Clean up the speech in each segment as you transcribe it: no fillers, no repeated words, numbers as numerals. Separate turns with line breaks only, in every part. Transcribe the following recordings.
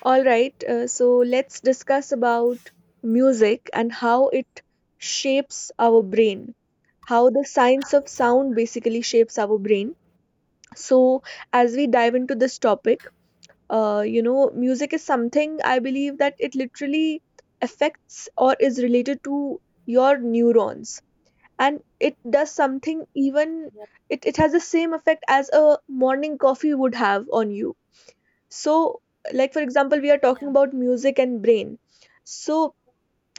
All right, so let's discuss about music and how it shapes our brain, how the science of sound basically shapes our brain. So, as we dive into this topic, music is something I believe that it literally affects or is related to your neurons, and it does something, even
Yep,
it has the same effect as a morning coffee would have on you. So, like for example, we are talking
yeah.
about music and brain. So,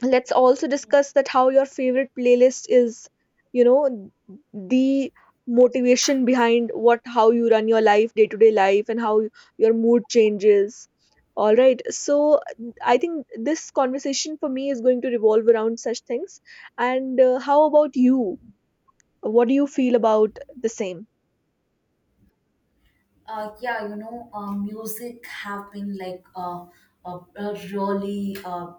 let's also
Mm.
discuss that how your favorite playlist is, you know, the motivation behind what how you run your life, day-to-day life, and how your mood changes. All right. So, I think this conversation for me is going to revolve around such things. And how about you? What do you feel about the same?
Yeah, music have been like a really,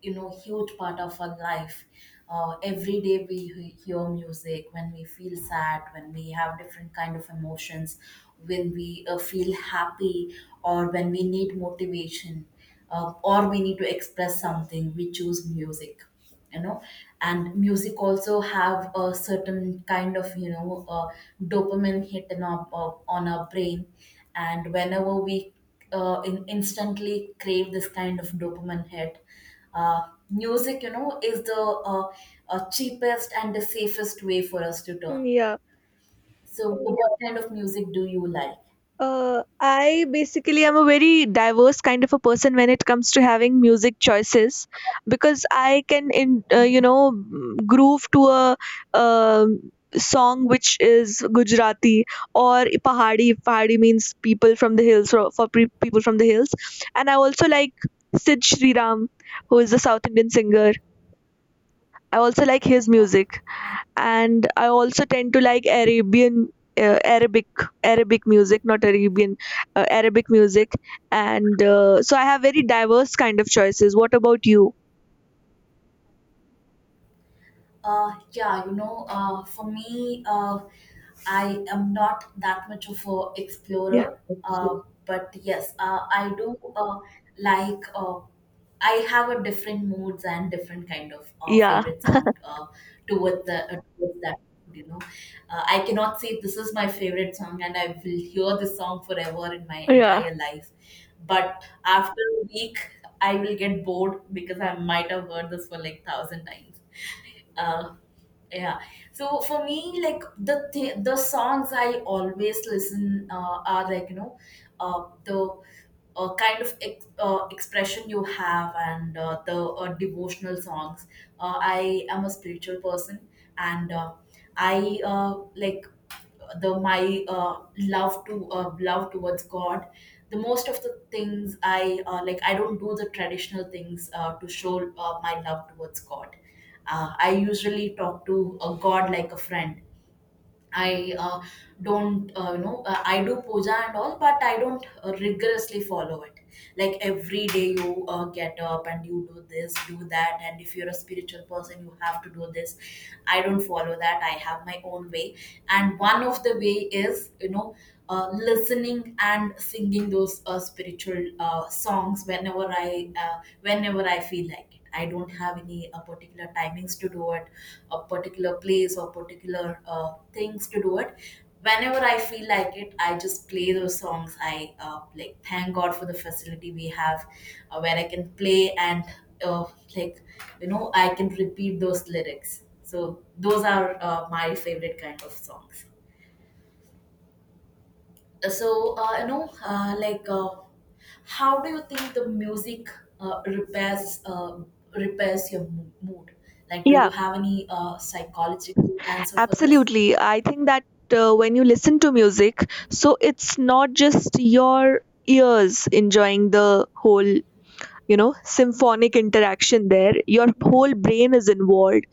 huge part of our life. Every day we hear music when we feel sad, when we have different kind of emotions, when we feel happy, or when we need motivation, or we need to express something, we choose music. you know and music also have a certain kind of dopamine hit on our brain, and whenever we instantly crave this kind of dopamine hit. Music is the cheapest and the safest way for us to turn.
Yeah.
So what kind of music do you like?
I basically am a very diverse kind of a person when it comes to having music choices because I can, in, you know, mm, groove to a song which is Gujarati or Pahadi. Pahadi means people from the hills, people from the hills. And I also like Sid Shriram, who is a South Indian singer. I also like his
Oh,
music.
nice.
And I also tend to like Arabian, uh, Arabic, Arabic music, not Arabian, Arabic music, and so I have very diverse kind of choices. What about you?
Yeah, for me, I am not that much of a
Yeah,
explorer. But yes, I do like. I have a different moods and different kind of
yeah,
favorite song towards that. You know, I cannot say this is my favorite song, and I will hear this song forever in my
yeah.
entire life. But after a week, I will get bored because I might have heard this for like 1,000 times. Uh, yeah, so for me, like, the songs I always listen are like the kind of expression you have and the devotional songs. I am a spiritual person, and I like the my love to love towards God. The most of the things I like, I don't do the traditional things to show my love towards God. I usually talk to a god like a friend. I don't, you know, I do puja and all, but I don't rigorously follow it. Like every day you get up and you do this, do that, and if you're a spiritual person, you have to do this. I don't follow that. I have my own way. And one of the way is, listening and singing those spiritual songs whenever whenever I feel like it. I don't have any particular timings to do it, a particular place or particular things to do it. Whenever I feel like it, I just play those songs. I like, thank God for the facility we have, where I can play and, uh, like, I can repeat those lyrics. So those are my favorite kind of songs. So like, how do you think the music uh, repairs uh, repairs your mood? Like, do
Yeah,
you have any psychological answer for this?
absolutely. I think that when you listen to music, so it's not just your ears enjoying the whole, symphonic interaction there. Your whole brain is involved,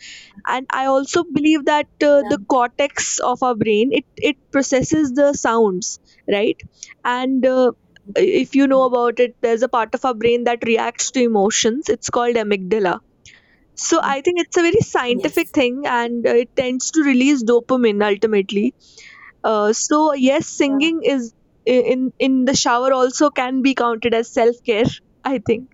and I also believe that
Yeah,
the
yeah,
cortex of our brain, it processes the sounds, right. And if you know
yeah.
about it, there's a part of our brain that reacts to emotions. It's called amygdala. So I think it's a very scientific
Yes.
thing, and it tends to release dopamine ultimately. So yes,
Yeah.
singing is i- in in the shower also can be counted as self care I think.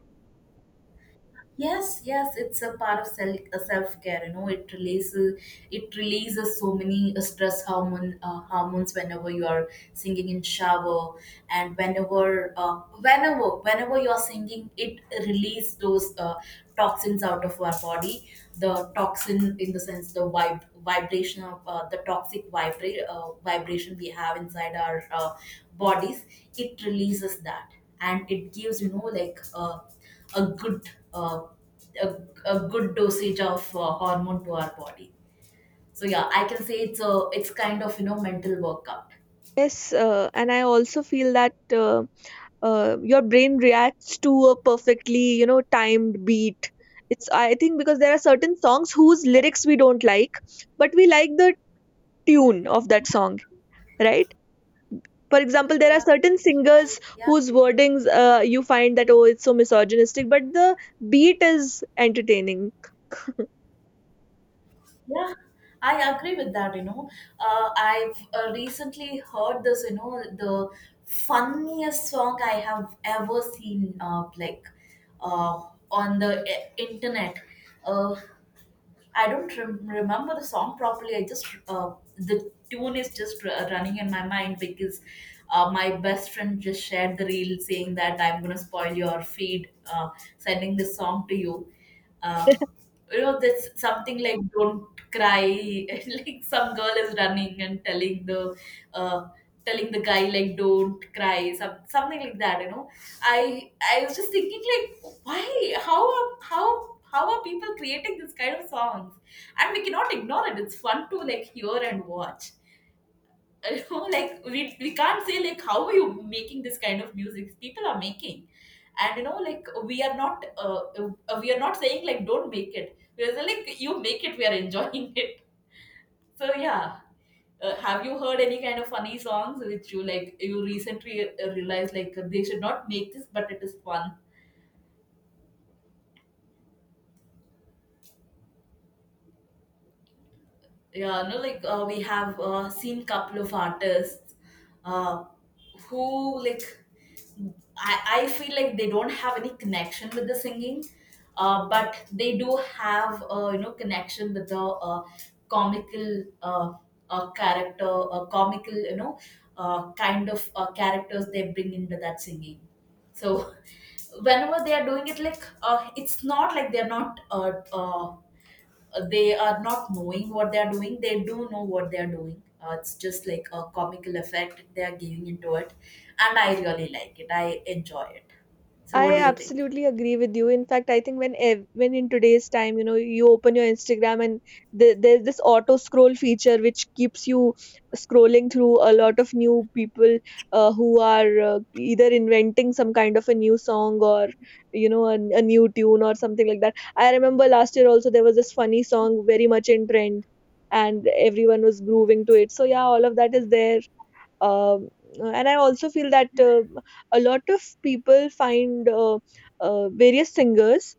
Yes, yes, it's a part of self care. You know, it releases so many stress hormone hormones whenever you are singing in shower, and whenever you are singing, it release those toxins out of our body, the toxin in the sense, the vibration of the toxic vibration we have inside our bodies. It releases that, and it gives, you know, like, a good, uh, a, a good dosage of hormone to our body. So yeah, I can say it's a it's kind of, you know, mental workout.
Yes. And I also feel that your brain reacts to a perfectly, timed beat. It's, I think, because there are certain songs whose lyrics we don't like, but we like the tune of that song, right? For example, there are
Yeah,
certain
I
singers
yeah.
whose wordings, you find that, oh, it's so misogynistic, but the beat is entertaining.
Yeah, I agree with that, you know. I've recently heard this, you know, the funniest song I have ever seen, like, uh, on the internet. Uh, I don't remember the song properly. I just, the tune is just running in my mind because my best friend just shared the reel saying that I'm gonna spoil your feed, sending this song to you. Um, you know, that's something like "Don't cry," and like some girl is running and uh, telling the guy like "Don't cry," something like that. You know, I was just thinking, like, why? How are people creating this kind of songs? And we cannot ignore it. It's fun to, like, hear and watch. You know, like, we can't say, like, how are you making this kind of music people are making. And you know, like, we are not saying like, don't make it. We're saying, like, you make it, we are enjoying it. So yeah, have you heard any kind of funny songs which you, like, you recently realized like they should not make this, but it is fun? Yeah, no, like, we have seen couple of artists, uh, who, like, I feel like they don't have any connection with the singing, but they do have, you know, connection with the comical character, comical, kind of characters they bring into that singing. So whenever they are doing it, like, it's not like they are not knowing what they are doing. They do know what they are doing. It's just like a comical effect they are giving into it, and I really like it. I enjoy it. So, what
I
do you think?
absolutely agree with you. In fact, I think when in today's time, you open your Instagram, and there's this auto scroll feature which keeps you scrolling through a lot of new people who are either inventing some kind of a new song or a new tune or something like that. I remember last year also there was this funny song very much in trend, and everyone was grooving to it. So yeah, all of that is there. um, and I also feel that a lot of people find various singers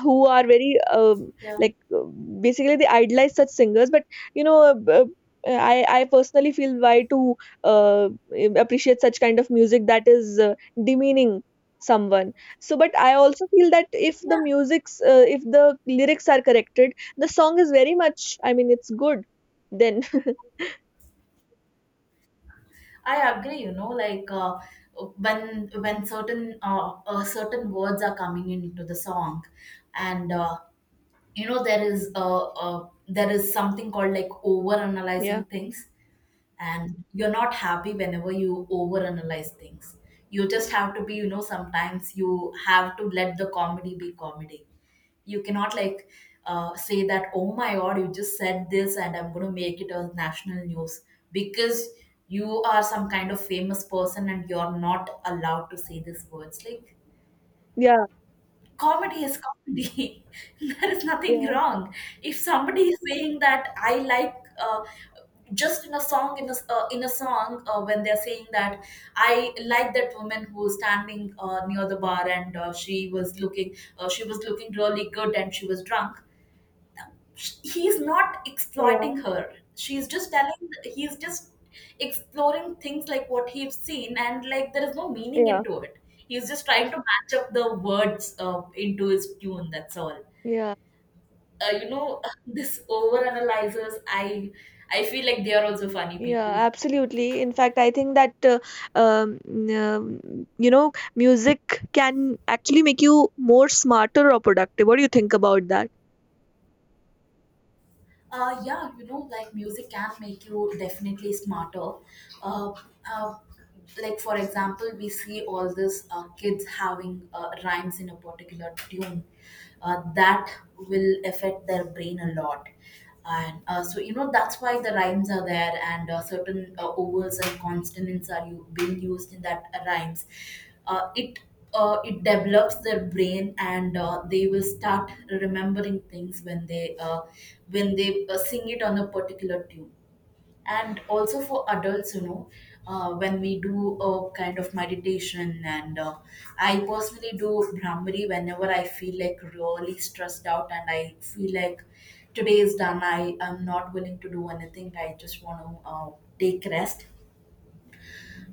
who are very
Yeah,
like, basically, they idolize such singers. But you know, uh, b- uh, I personally feel why to uh, appreciate such kind of music that is demeaning someone. So but I also feel that if the
yeah,
music's uh, if the lyrics are corrected, the song is very much, I mean, it's good then.
I agree. You know, like, when certain certain words are coming into the song, and you know, there is something called like over
Yeah,
analyzing things. And you're not happy whenever you overanalyze things. You just have to be, you know, sometimes you have to let the comedy be comedy. You cannot, like, say that, oh my God, you just said this and I'm going to make it a national news because you are some kind of famous person and you're not allowed to say these words. Like,
yeah,
comedy is comedy. There is nothing
yeah,
wrong. If somebody is saying that, I like, uh, just in a song, in a song, when they're saying that, I like that woman who was standing near the bar, and she was looking, she was looking really good, and she was drunk. He's not
yeah,
exploiting her, she's just telling, he's just exploring things, like what he's seen, and like there is no meaning
yeah.
into it. He's just trying to match up the words into his tune, that's all.
Yeah,
You know, this over analyzers, I feel like they are also funny people.
yeah, absolutely. In fact, I think that um, music can actually make you more smarter or productive. What do you think about that?
Yeah, you know, like, music can make you definitely smarter. Uh, uh, like, for example, we see all this kids having rhymes in a particular tune. That will affect their brain a lot, and so you know, that's why the rhymes are there, and certain ovals and consonants are, you, being used in that rhymes. It it develops their brain, and they will start remembering things when they sing it on a particular tune. And also for adults, you know, when we do a kind of meditation, and I personally do brahmari whenever I feel like really stressed out, and I feel like today is done, I am not willing to do anything, I just want to take rest.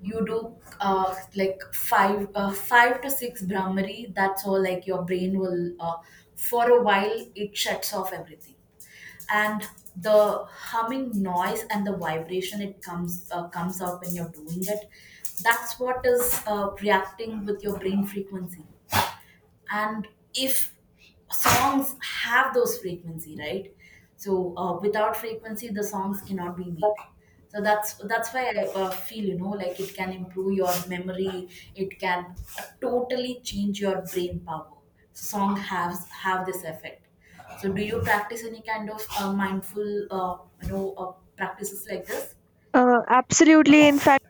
You do, like, five to six brahmari, that's all. Like, your brain will, for a while it shuts off everything. And the humming noise and the vibration, it comes comes out when you're doing it. That's what is reacting with your brain frequency. And if songs have those frequency, right? So without frequency the songs cannot be made. So that's why I feel, you know, like it can improve your memory. It can totally change your brain power. So song has have this effect. So do you practice any kind of mindful, you know, practices like this?
Absolutely. In fact,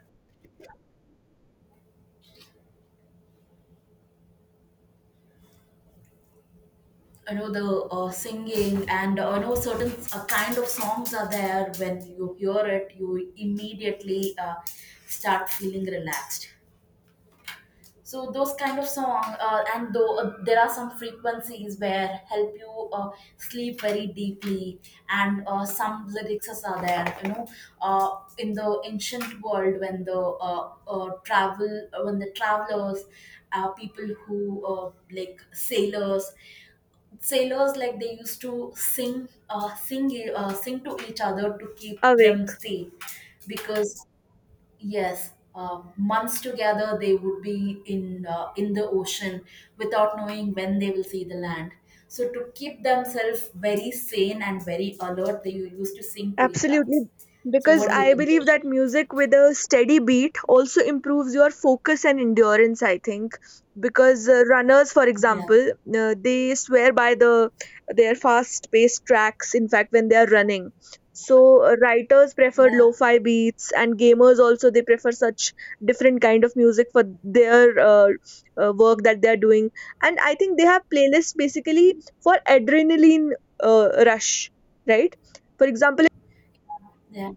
You know, the singing, and you know, certain kind of songs are there, when you hear it you immediately start feeling relaxed. So those kind of song, and though, there are some frequencies where help you sleep very deeply. And some lyrics are there, you know. In the ancient world, when the travel when the travelers, people who like sailors, like they used to sing, sing to each other to keep
away.
them safe. Because yes, months together they would be in the ocean without knowing when they will see the land. So to keep themselves very sane and very alert, they used to sing to each other.
Absolutely,
So
because
what do you
I
think?
believe that music with a steady beat also improves your focus and endurance, I think, because runners, for
Yeah,
example, they swear by their fast-paced tracks. In fact, when they are running, so writers prefer
yeah,
lo-fi beats, and gamers also they prefer such different kind of music for their work that they are doing. And I think they have playlists basically for adrenaline rush, right? For example.
yeah.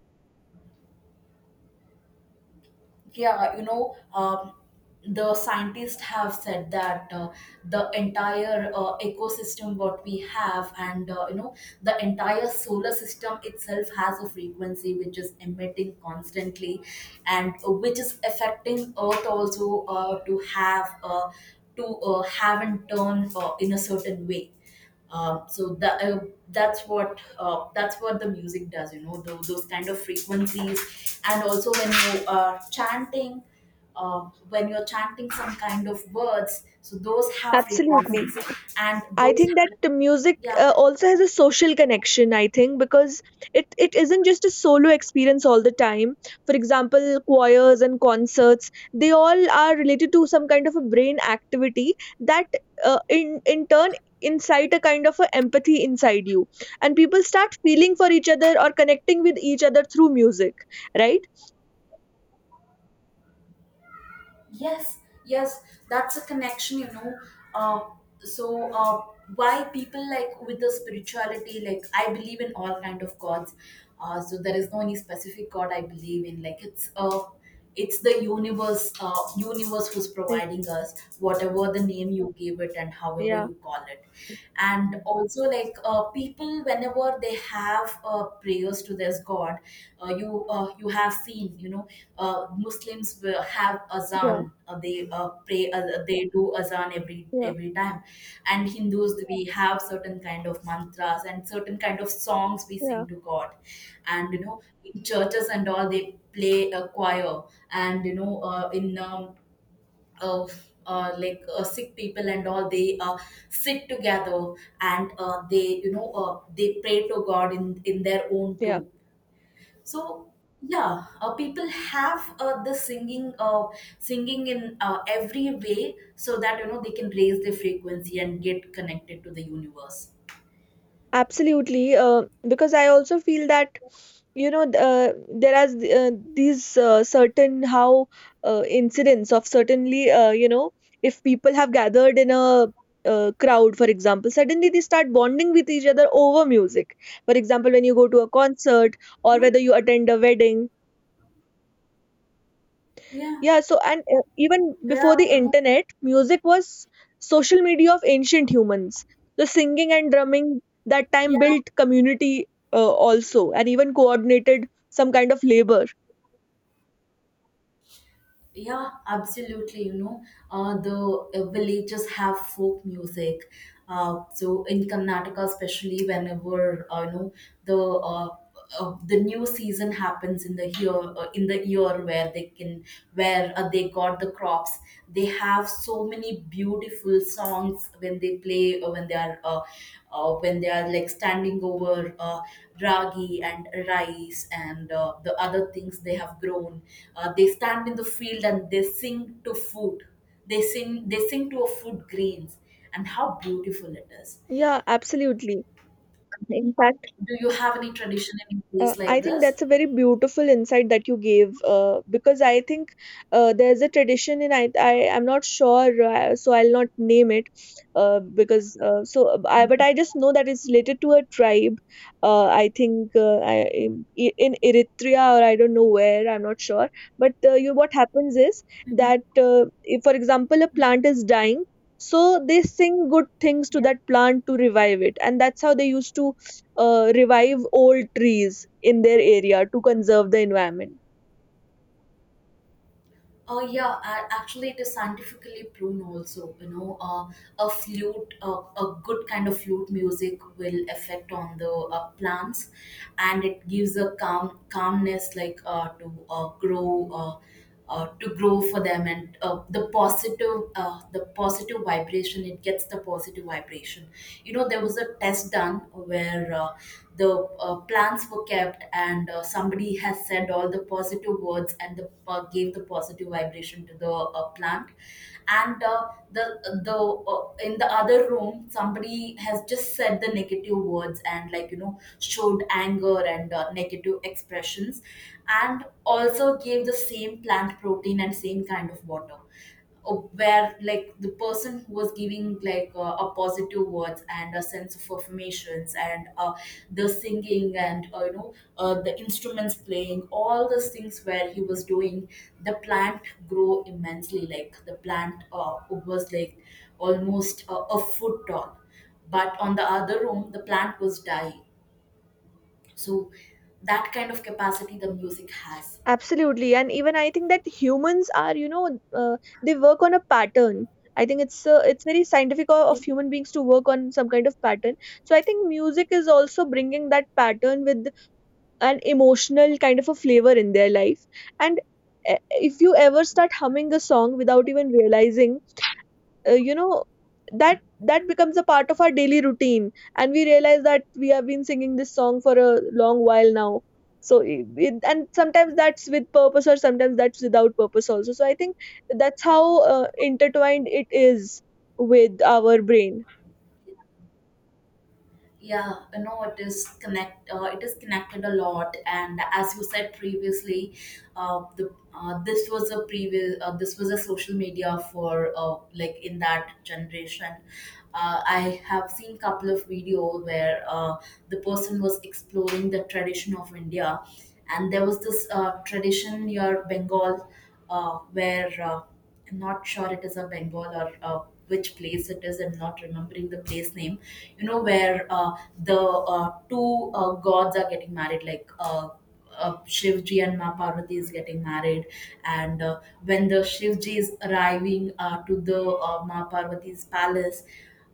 Yeah, you know, the scientists have said that the entire ecosystem what We have, and the entire solar system itself has a frequency which is emitting constantly, and which is affecting earth also, to have and turn in a certain way, so that that's what the music does, you know, those kind of frequencies. And also when you are chanting uh, when you're chanting some kind of words, so those have
Absolutely.
frequencies and
I
those.
think that the music
Yeah.
also has a social connection, I think, because it isn't just a solo experience all the time. For example, choirs and concerts, they all are related to some kind of a brain activity that, in turn, incite a kind of a empathy inside you. And people start feeling for each other or connecting with each other through music, right?
Yes, yes, that's a connection, you know. Uh, so uh, why people like with the spirituality, like I believe in all kind of gods. So there is no any specific god I believe in. Like it's the universe, universe who's providing us, whatever the name you give it and however
Yeah,
you call it, it. And also, like, people whenever they have prayers to this god, you have seen, you know, muslims will have
yeah. Mhm.
azan, they do azan every
Yeah,
every time. And hindus, we have certain kind of mantras and certain kind of songs we
yeah,
sing to god. And you know, in churches and all, they play a choir. And you know, in of like sick people and all, they sit together, and they you know they pray to god in their own
yeah.
tomb. So yeah, people have the singing singing in every way, so that you know they can raise their frequency and get connected to the universe.
Absolutely, because I also feel that, you know th- uh, there are these certain, how incidents of certainly, if people have gathered in a crowd, for example, suddenly they start bonding with each other over music. For example, when you go to a concert or
Yeah,
whether you attend a wedding,
yeah,
yeah, so and even before
yeah,
the
you know,
internet, music was social media of ancient humans. The singing and drumming that time
yeah,
built community, also, and even coordinated some kind of labor.
yeah, absolutely, you know, the villages have folk music. So in Karnataka, especially, whenever you know the uh, the new season happens in the year, where they can, where they got the crops, they have so many beautiful songs when they play when they are like standing over ragi and rice and the other things they have grown. They stand in the field and they sing to food. They sing to a food grains, and how beautiful it is.
Yeah, absolutely. In fact,
Do you have any tradition in place like
I think
this?
that's a very beautiful insight that you gave, because I think there's a tradition in. I'm not sure, so I'll not name it, because so I but I just know that it's related to a tribe, I think, I, in Eritrea or I don't know where, I'm not sure. But, you what happens is that, if, for example, a plant is dying, so they sing good things to that plant to revive it, and that's how they used to revive old trees in their area to conserve the environment.
Oh yeah, actually it is scientifically proven also. You know, a flute, a good kind of flute music will affect on the plants, and it gives a calmness, like, to grow for them. And the positive vibration, it gets the positive vibration. You know, there was a test done where the plants were kept, and somebody has said all the positive words and gave the positive vibration to the plant. And the In the other room, somebody has just said the negative words and, like, you know, showed anger and negative expressions, and also gave the same plant protein and same kind of water. Oh, where like the person who was giving, like, a positive words and a sense of affirmations and the singing and, you know, the instruments playing, all those things where he was doing, the plant grow immensely, like the plant was like almost a foot tall. But on the other room, the plant was dying. So that kind of capacity the music has.
Absolutely. And even I think that humans are, uh, they work on a pattern. I think it's very scientific of human beings to work on some kind of pattern. So I think music is also bringing that pattern with an emotional kind of a flavor in their life. And if you ever start humming a song without even realizing, uh, you know that becomes a part of our daily routine, and we realize that we have been singing this song for a long while now. So and sometimes that's with purpose, or sometimes that's without purpose also. So I think that's how intertwined it is with our brain.
Yeah, you know, it is connected a lot. And as you said previously, the this was a previous this was a social media for, like, in that generation. Uh, I have seen couple of video where the person was exploring the tradition of india, and there was this tradition near bengal. Uh, where I'm not sure it is a bengal or which place it is, I'm not remembering the place name. You know, where the two gods are getting married, Shivji and Ma Parvati is getting married. And when the Shivji is arriving to the Ma Parvati's palace,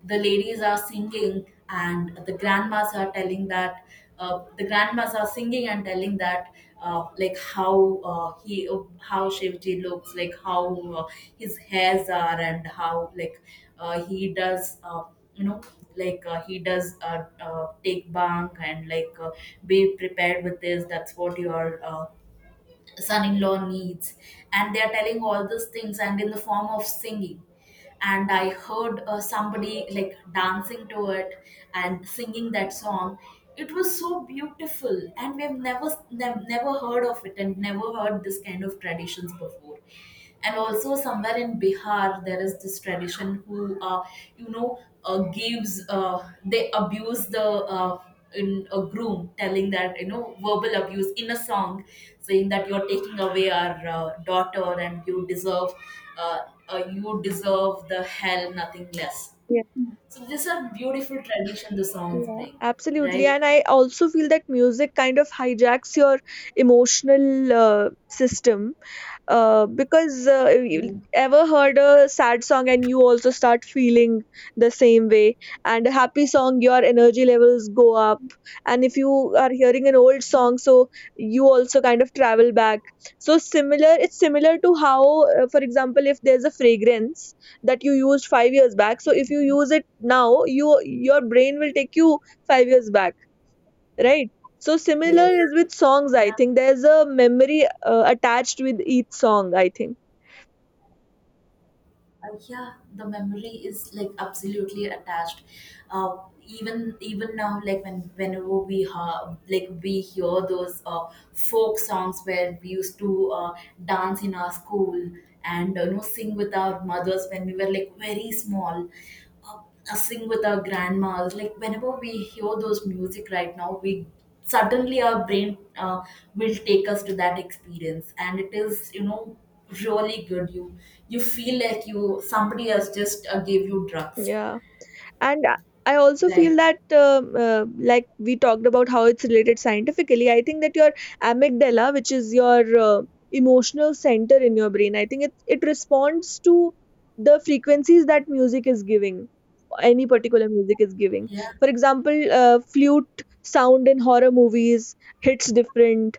the ladies are singing, and the grandmas are singing and telling that, like, how he how Shivji looks, like how his hairs are and how, like, uh, he does uh, you know he does, take bank, and like, be prepared with this, that's what your son-in-law needs. And they're telling all these things, and in the form of singing. And I heard somebody, like, dancing to it and singing that song. It was so beautiful, and we've never heard of it, and never heard this kind of traditions before. And also somewhere in bihar, there is this tradition who, you know gives they abuse the, in a groom, telling that, you know, verbal abuse in a song, saying that you're taking away our daughter and uh, you deserve the hell, nothing less.
Yeah,
So these are beautiful tradition the songs
yeah,
bring,
absolutely.
right?
And I also feel that music kind of hijacks your emotional system, because you ever heard a sad song and you also start feeling the same way, and a happy song, your energy levels go up. And if you are hearing an old song, so you also kind of travel back. So similar it's similar to how, for example, if there's a fragrance that you used 5 years back, so if you use it now, your brain will take you 5 years back, right? So similar
Yes.
is with songs, I think. There's a memory attached with each song, I think.
Yeah, the memory is like absolutely attached. Uh, even now, like when like we hear those folk songs where we used to dance in our school, and you know, sing with our mothers when we were, like, very small, uh, sing with our grandmas. Like whenever we hear those music right now, we suddenly, our brain will take us to that experience, and it is, you know, really good. You feel like you, somebody has just gave you drugs,
Yeah. And I also feel
right?
that, like we talked about how it's related scientifically, I think that your amygdala, which is your uh, emotional center in your brain, I think it responds to the frequencies that music is giving, any particular music is giving.
Yeah.
For example, flute sound in horror movies hits different.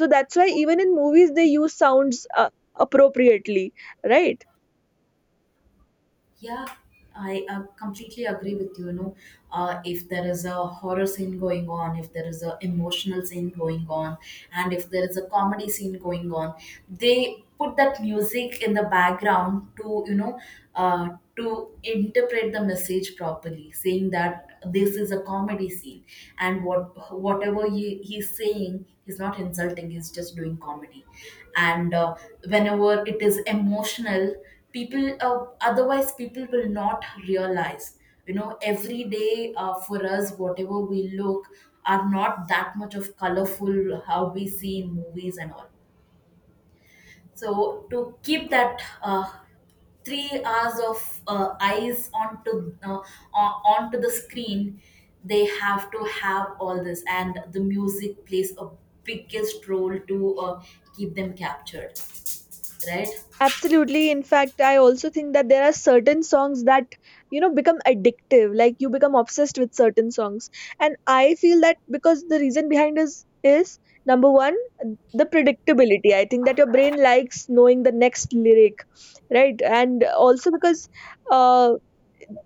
So that's why even in movies they use sounds, appropriately, right?
Yeah, I completely agree with you. You know, if there is a horror scene going on, if there is a emotional scene going on, and if there is a comedy scene going on, they put that music in the background to, you know, uh, to interpret the message properly, saying that this is a comedy scene, and what whatever he's saying, he's not insulting, he's just doing comedy. And whenever it is emotional, people, otherwise people will not realize, you know, every day, for us, whatever we look are not that much of colorful how we see in movies and all. So to keep that, 3 hours of eyes onto, onto the screen, they have to have all this. And the music plays a biggest role to keep them captured, right?
Absolutely. In fact, I also think that there are certain songs that, become addictive. Like, you become obsessed with certain songs. And I feel that because the reason behind is number one, the predictability. I think that your brain likes knowing the next lyric, right? And also, because uh,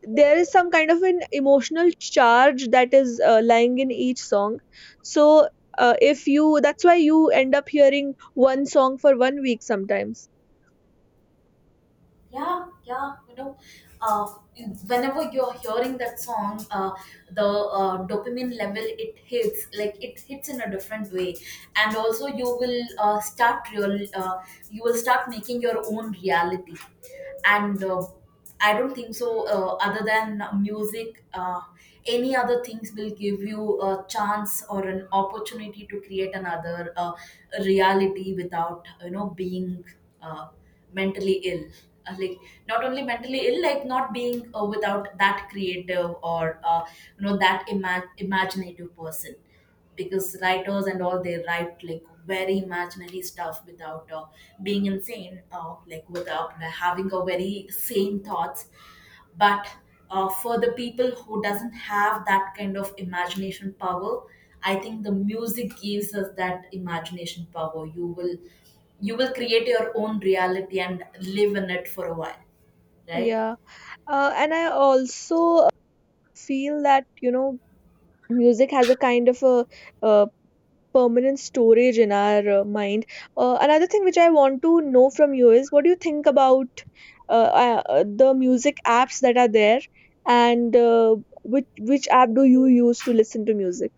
there is some kind of an emotional charge that is lying in each song. So if you, that's why you end up hearing one song for one week sometimes.
Yeah, yeah, you know, uh, whenever you're hearing that song, the dopamine level, it hits, like it hits in a different way. And also you will start making your own reality. And I don't think so. Other than music, any other things will give you a chance or an opportunity to create another reality without, you know, being uh, mentally ill. Like, not only mentally ill, like not being without that creative or you know, that imaginative person, because writers and all, they write like very imaginary stuff without being insane, like without having a very sane thoughts. But for the people who doesn't have that kind of imagination power, I think the music gives us that imagination power. You will, you will create your own reality and live in it for a while, right?
Yeah, and I also feel that music has a kind of a, uh permanent storage in our mind. Another thing which I want to know from you is what do you think about the music apps that are there, and which app do you use to listen to music?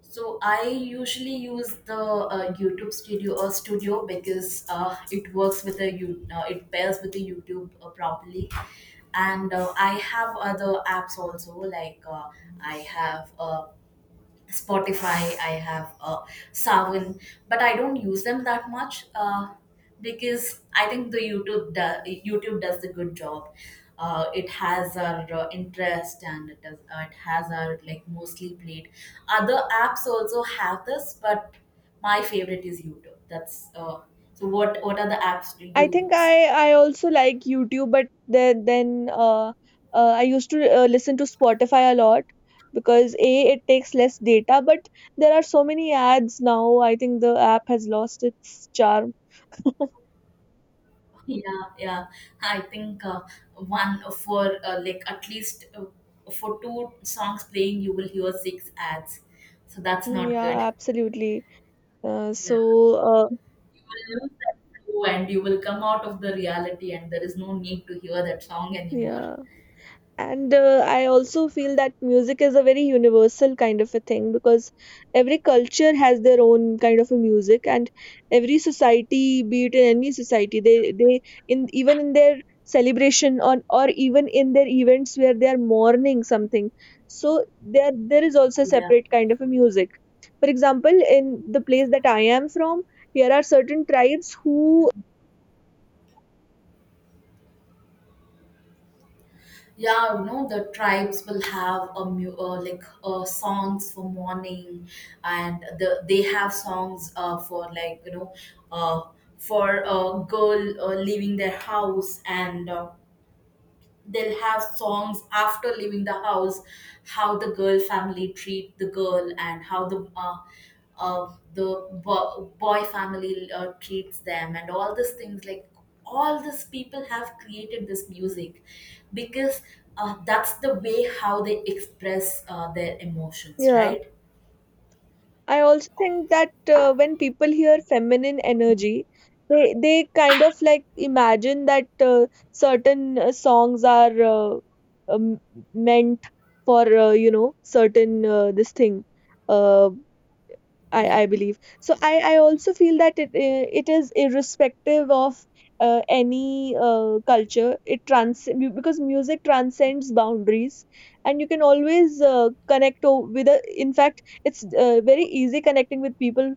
So I usually use the YouTube Studio or Studio, because it works with a you, it pairs with the YouTube properly. And I have other apps also, like I have Spotify, I have Savin, but I don't use them that much, because I think the YouTube does a good job. It has our interest, and it does, it has our, like, mostly played. Other apps also have this, but my favorite is YouTube. That's so. What are the apps do
I
you
think
use?
I also like YouTube, but then I used to listen to Spotify a lot because a it takes less data, but there are so many ads now. I think the app has lost its charm.
Yeah, yeah. I think one for, like, at least, for two songs playing, you will hear six ads. So that's not
Yeah,
good.
absolutely.
Yeah.
So,
You will lose that flow and you will come out of the reality, and there is no need to hear that song anymore.
yeah. And I also feel that music is a very universal kind of a thing because every culture has their own kind of a music, and every society, be it in any society, they in their celebration on, or even in their events where they are mourning something, so there is also a
Yeah,
separate kind of a music. For example, in the place that I am from here are certain tribes who—
yeah. You know, the tribes will have like songs for morning, and the they have songs for, like, you know, uh, for a girl leaving their house, and. They'll have songs after leaving the house, how the girl family treat the girl and how the boy family treats them, and all these things. Like all these people have created this music because that's the way how they express their emotions,
yeah.
right?
I also think that when people hear feminine energy, they kind of like imagine that certain songs are, um, meant for, certain, this thing. Uh,
Yeah.
I believe so. I also feel that it is irrespective of any culture. Because music transcends boundaries, and you can always connect, in fact, it's very easy connecting with people.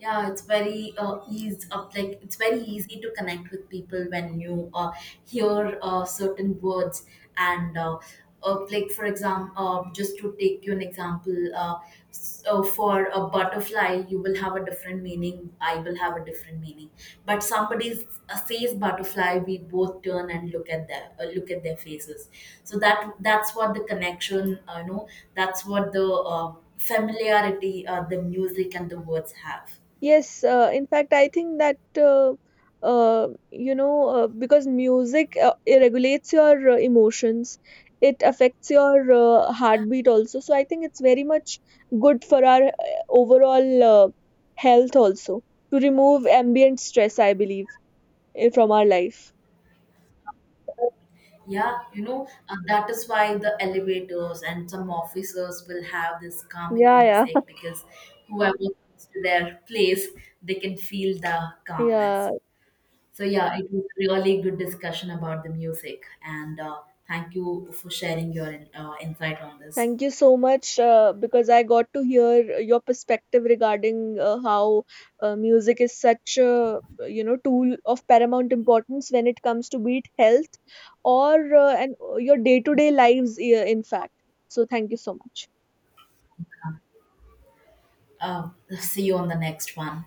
Yeah, it's very easy up, like it's very easy to connect with people when you hear certain words, and like, for example, just to take you an example, so for a butterfly, you will have a different meaning, I will have a different meaning. But somebody says butterfly, we both turn and look at their, look at their faces. So that that's what the connection, you know, that's what the familiarity, the music and the words have.
Yes, in fact, I think that because music it regulates your emotions, it affects your
Yeah,
heartbeat also. So I think it's very much good for our overall health also, to remove ambient stress, I believe, from our life.
yeah, you know, that is why the elevators and some officers will have this calming
Yeah, yeah.
music, because whoever comes to their place, they can feel the
Yeah.
calmness. So yeah, it was really good discussion about the music, and thank you for sharing your insight on this.
Thank you so much, because I got to hear your perspective regarding how music is such a tool of paramount importance when it comes to, be it health, or and your day to day lives, in fact. So thank you so much.
Uh, see you on the next one.